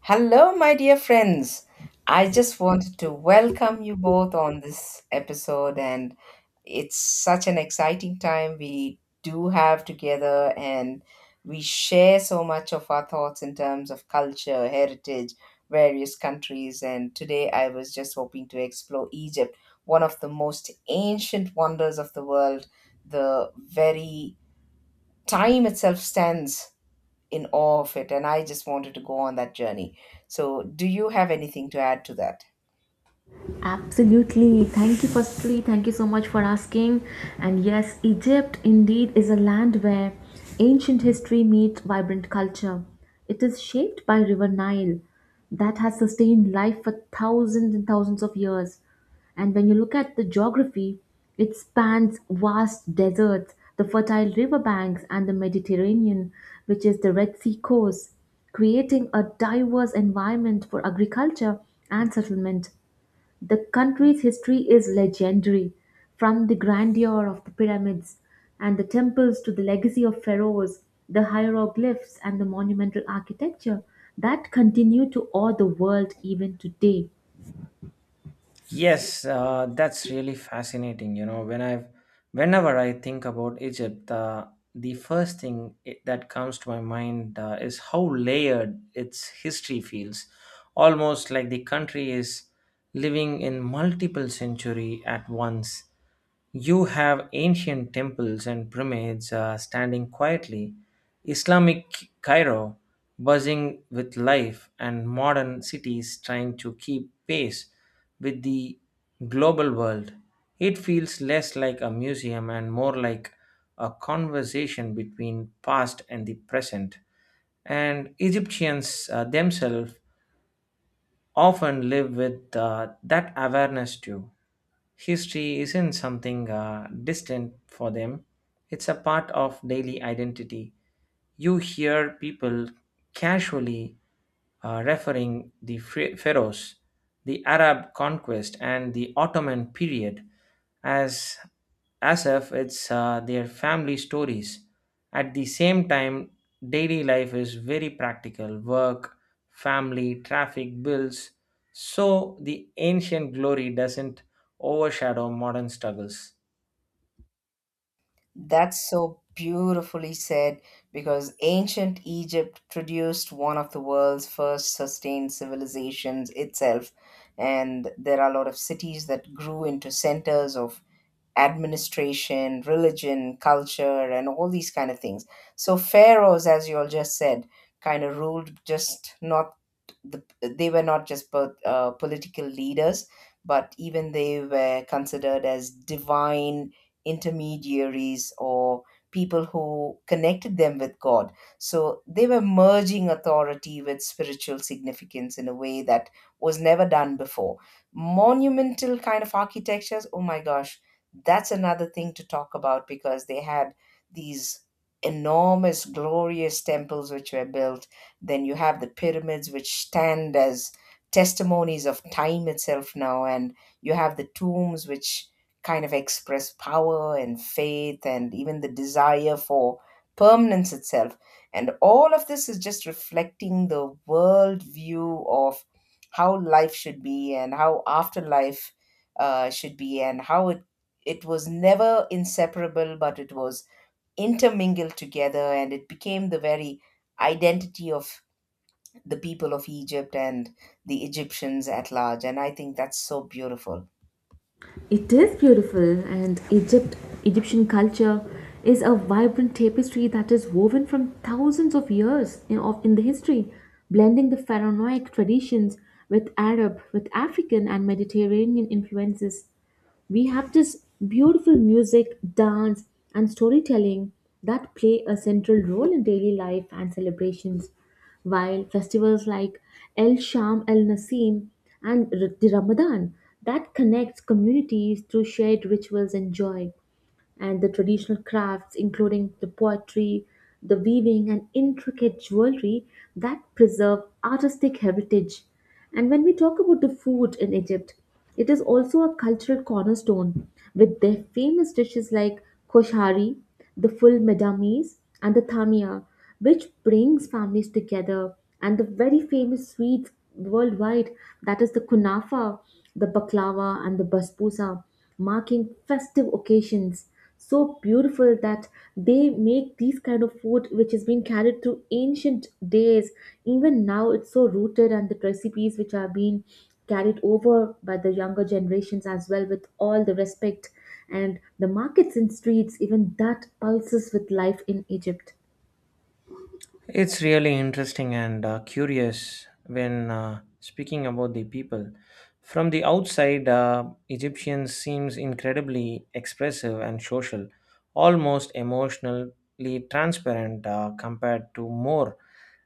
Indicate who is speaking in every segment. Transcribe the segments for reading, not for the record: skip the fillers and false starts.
Speaker 1: Hello, my dear friends. I just wanted to welcome you both on this episode, and it's such an exciting time we do have together, and we share so much of our thoughts in terms of culture, heritage, various countries. And today I was just hoping to explore Egypt, one of the most ancient wonders of the world. The very time itself stands in awe of it, and I just wanted to go on that journey. So do you have anything to add to that?
Speaker 2: Absolutely. Thank you, firstly. Thank you so much for asking. And yes, Egypt indeed is a land where ancient history meets vibrant culture. It is shaped by River Nile that has sustained life for thousands and thousands of years. And when you look at the geography, it spans vast deserts, the fertile riverbanks, and the Mediterranean, which is the Red Sea coast, creating a diverse environment for agriculture and settlement. The country's history is legendary, from the grandeur of the pyramids and the temples to the legacy of pharaohs, the hieroglyphs and the monumental architecture that continue to awe the world even today.
Speaker 3: Yes, that's really fascinating. Whenever I think about Egypt, the that comes to my mind is how layered its history feels, almost like the country is living in multiple century at once. You have ancient temples and pyramids standing quietly, Islamic Cairo, buzzing with life, and modern cities trying to keep pace with the global world. It feels less like a museum and more like a conversation between past and the present. And Egyptians themselves often live with that awareness too. History isn't something distant for them, it's a part of daily identity. You hear people casually referring the pharaohs, the Arab conquest, and the Ottoman period as as if it's their family stories. At the same time, daily life is very practical work, family, traffic, bills. So the ancient glory doesn't overshadow modern struggles.
Speaker 1: That's so beautifully said, because ancient Egypt produced one of the world's first sustained civilizations itself. And there are a lot of cities that grew into centers of administration, religion, culture, and all these kind of things. So pharaohs, as you all just said, kind of ruled just not they were not just political leaders, but even they were considered as divine intermediaries, or people who connected them with God. So they were merging authority with spiritual significance in a way that was never done before. Monumental kind of architectures, oh my gosh, that's another thing to talk about, because they had these enormous, glorious temples which were built. Then you have the pyramids which stand as testimonies of time itself now. And you have the tombs which kind of express power and faith and even the desire for permanence itself. And all of this is just reflecting the world view of how life should be and how afterlife should be, and how it was never inseparable, but it was intermingled together, and it became the very identity of the people of Egypt and the Egyptians at large. And I think that's so beautiful.
Speaker 2: It is beautiful, and Egypt, Egyptian culture is a vibrant tapestry that is woven from thousands of years in the history, blending the pharaonic traditions with Arab, with African and Mediterranean influences. We have this beautiful music, dance, and storytelling that play a central role in daily life and celebrations while festivals like El Sham El Nasim and the Ramadan that connects communities through shared rituals and joy and the traditional crafts, including the poetry, the weaving, and intricate jewelry that preserve artistic heritage. And when we talk about the food in Egypt, it is also a cultural cornerstone with their famous dishes like koshari, the full medames, and the thamia, which brings families together, and the very famous sweets worldwide that is the kunafa, the baklava, and the basbousa marking festive occasions so beautiful that they make these kind of food which has been carried through ancient days even now it's so rooted and the recipes which are being carried over by the younger generations as well with all the respect and the markets and streets even that pulses with life in Egypt.
Speaker 3: It's really interesting and curious when speaking about the people. From the outside, Egyptians seems incredibly expressive and social, almost emotionally transparent compared to more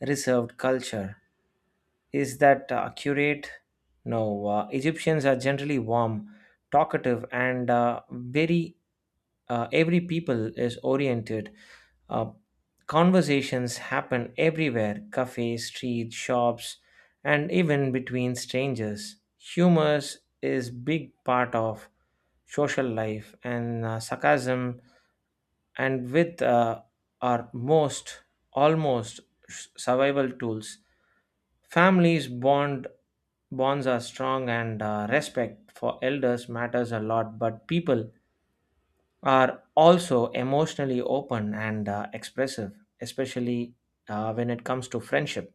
Speaker 3: reserved culture. Is that accurate? No. Egyptians are generally warm, talkative, and very every people is oriented. Uh, Conversations happen everywhere cafes, streets, shops, and even between strangers. Humor is big part of social life, and sarcasm and with are most almost survival tools. Families bond Bonds are strong and respect for elders matters a lot, but people are also emotionally open and expressive, especially when it comes to friendship.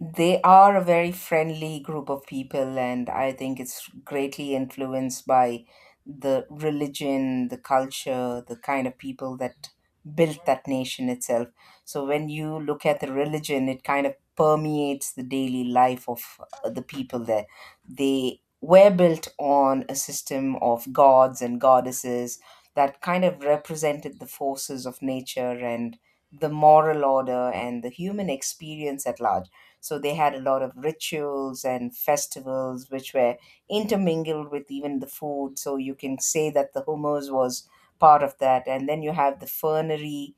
Speaker 1: They are a very friendly group of people, and I think it's greatly influenced by the religion, the culture, the kind of people that built that nation itself. So when you look at the religion, it kind of permeates the daily life of the people there. They were built on a system of gods and goddesses that kind of represented the forces of nature and the moral order and the human experience at large. So they had a lot of rituals and festivals which were intermingled with even the food. So you can say that the hummus was part of that. And then you have the fernery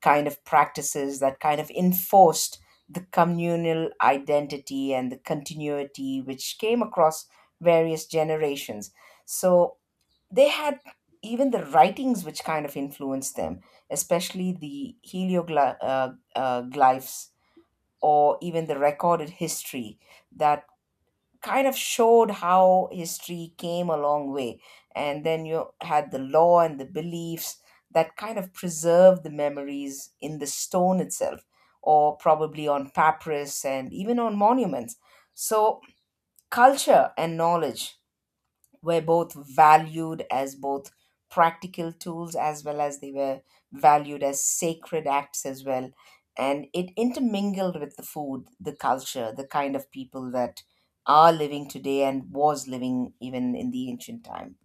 Speaker 1: kind of practices that kind of enforced the communal identity and the continuity which came across various generations. So they had even the writings which kind of influenced them, especially the helioglyphs glyphs, or even the recorded history that kind of showed how history came a long way. And then you had the law and the beliefs that kind of preserved the memories in the stone itself, or probably on papyrus and even on monuments. So, culture and knowledge were both valued as both practical tools as well as they were valued as sacred acts as well, and it intermingled with the food, the culture, the kind of people that are living today and was living even in the ancient times.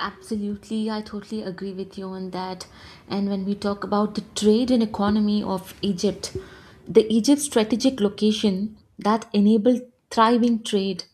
Speaker 2: Absolutely, I totally agree with you on that. And when we talk about the trade and economy of Egypt, the Egypt's strategic location that enabled thriving trade,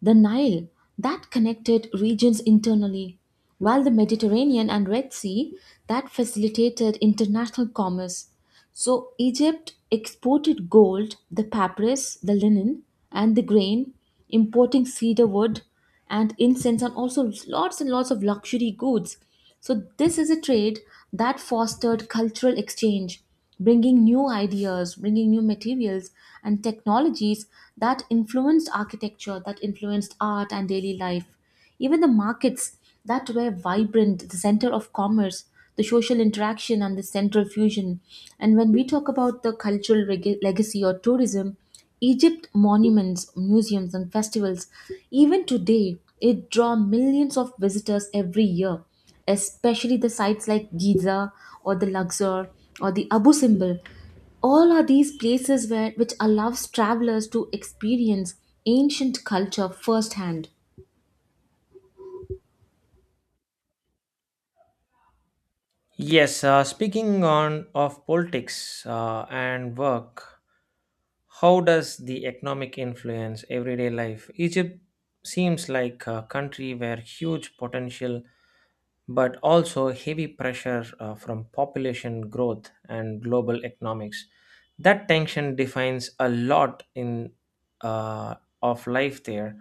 Speaker 2: the Nile that connected regions internally, while the Mediterranean and Red Sea that facilitated international commerce. So Egypt exported gold, the papyrus, the linen, and the grain, importing cedar wood and incense and also lots and lots of luxury goods. So this is a trade that fostered cultural exchange, bringing new ideas, bringing new materials and technologies that influenced architecture, that influenced art and daily life. Even the markets that were vibrant, the center of commerce, the social interaction, and the central fusion. And when we talk about the cultural legacy or tourism, Egypt monuments, museums, and festivals, even today, it draw millions of visitors every year, especially the sites like Giza or the Luxor or the Abu Simbel all are these places where which allows travelers to experience ancient culture firsthand.
Speaker 3: Yes, speaking on of politics and work, how does the economic influence everyday life? Egypt seems like a country where huge potential but also heavy pressure from population growth and global economics. That tension defines a lot in uh, of life there.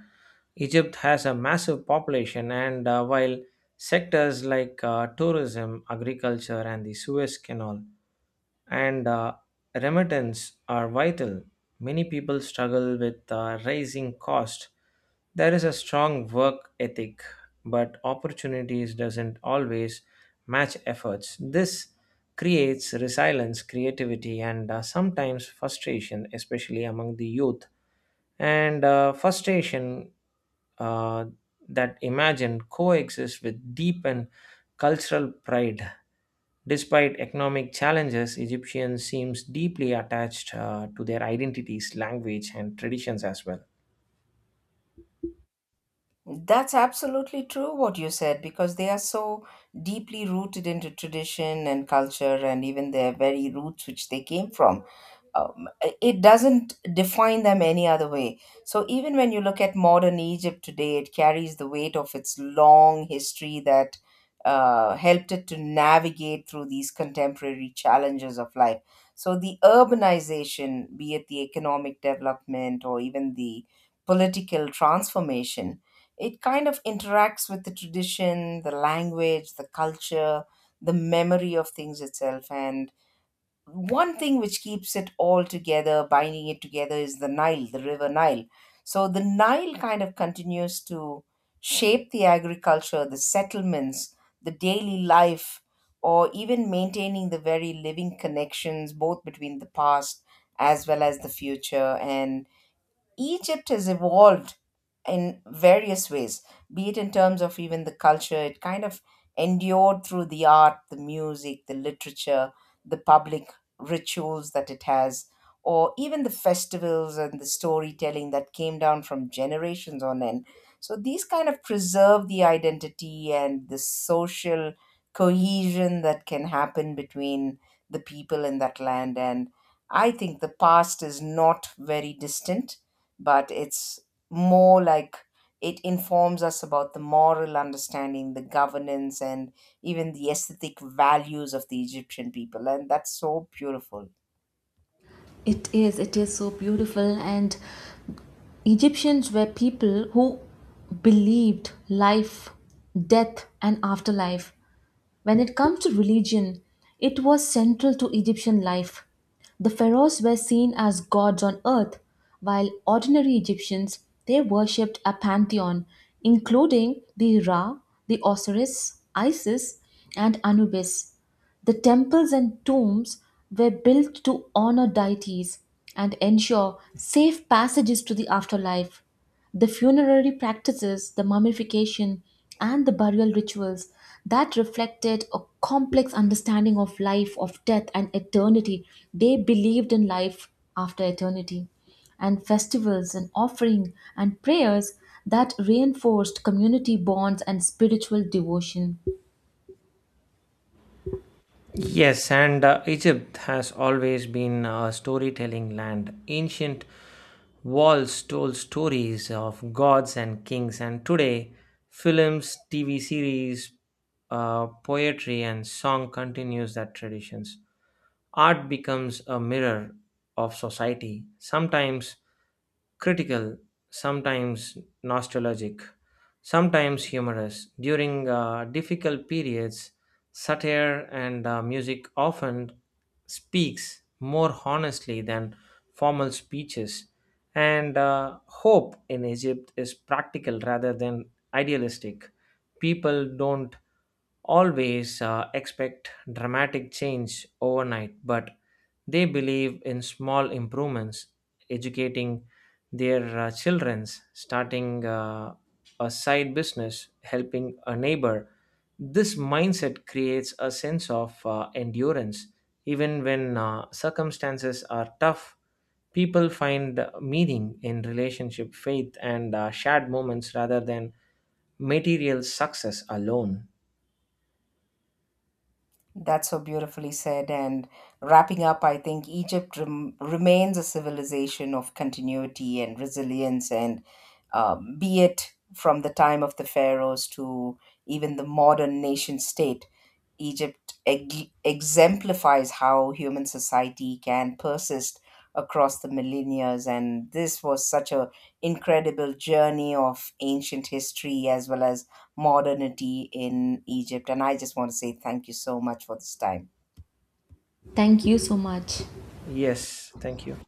Speaker 3: Egypt has a massive population, and while sectors like tourism, agriculture, and the Suez Canal and remittance are vital. Many people struggle with rising cost. There is a strong work ethic but opportunities doesn't always match efforts. This creates resilience, creativity, and sometimes frustration, especially among the youth. And frustration uh, that imagine coexist with deep and cultural pride. Despite economic challenges, Egyptians seems deeply attached to their identities, language, and traditions as well.
Speaker 1: That's absolutely true what you said, because they are so deeply rooted into tradition and culture and even their very roots which they came from. Um, it doesn't define them any other way. So even when you look at modern Egypt today, it carries the weight of its long history that helped it to navigate through these contemporary challenges of life. So the urbanization, be it the economic development or even the political transformation, it kind of interacts with the tradition, the language, the culture, the memory of things itself. And one thing which keeps it all together, binding it together, is the Nile, the river Nile. So the Nile kind of continues to shape the agriculture, the settlements, the daily life, or even maintaining the very living connections both between the past as well as the future. And Egypt has evolved in various ways, be it in terms of even the culture. It kind of endured through the art, the music, the literature, the public rituals that it has, or even the festivals and the storytelling that came down from generations on end. So these kind of preserve the identity and the social cohesion that can happen between the people in that land. And I think the past is not very distant, but it's more like it informs us about the moral understanding, the governance, and even the aesthetic values of the Egyptian people. And that's so beautiful.
Speaker 2: It is so beautiful. And Egyptians were people who believed life, death, and afterlife. When it comes to religion, it was central to Egyptian life. The pharaohs were seen as gods on earth, while ordinary Egyptians they worshipped a pantheon including the Ra, the Osiris, Isis, and Anubis. The temples and tombs were built to honor deities and ensure safe passages to the afterlife. The funerary practices, the mummification, and the burial rituals that reflected a complex understanding of life, of death, and eternity. They believed in life after eternity, and festivals, and offering, and prayers that reinforced community bonds and spiritual devotion.
Speaker 3: Yes, and Egypt has always been a storytelling land. Ancient walls told stories of gods and kings, and today, films, TV series, poetry, and song continues that traditions. Art becomes a mirror of society, sometimes critical, sometimes nostalgic, sometimes humorous. During difficult periods, satire and music often speaks more honestly than formal speeches. And hope in Egypt is practical rather than idealistic. People don't always expect dramatic change overnight, but they believe in small improvements, educating their children, starting a side business, helping a neighbor. This mindset creates a sense of endurance. Even when circumstances are tough, people find meaning in relationship, faith, and shared moments rather than material success alone.
Speaker 1: That's so beautifully said. And wrapping up, I think Egypt remains a civilization of continuity and resilience, and be it from the time of the pharaohs to even the modern nation state, Egypt exemplifies how human society can persist across the millennia, and this was such a incredible journey of ancient history as well as modernity in Egypt, and I just want to say thank you so much for this time.
Speaker 2: Thank you so much.
Speaker 3: Yes, thank you.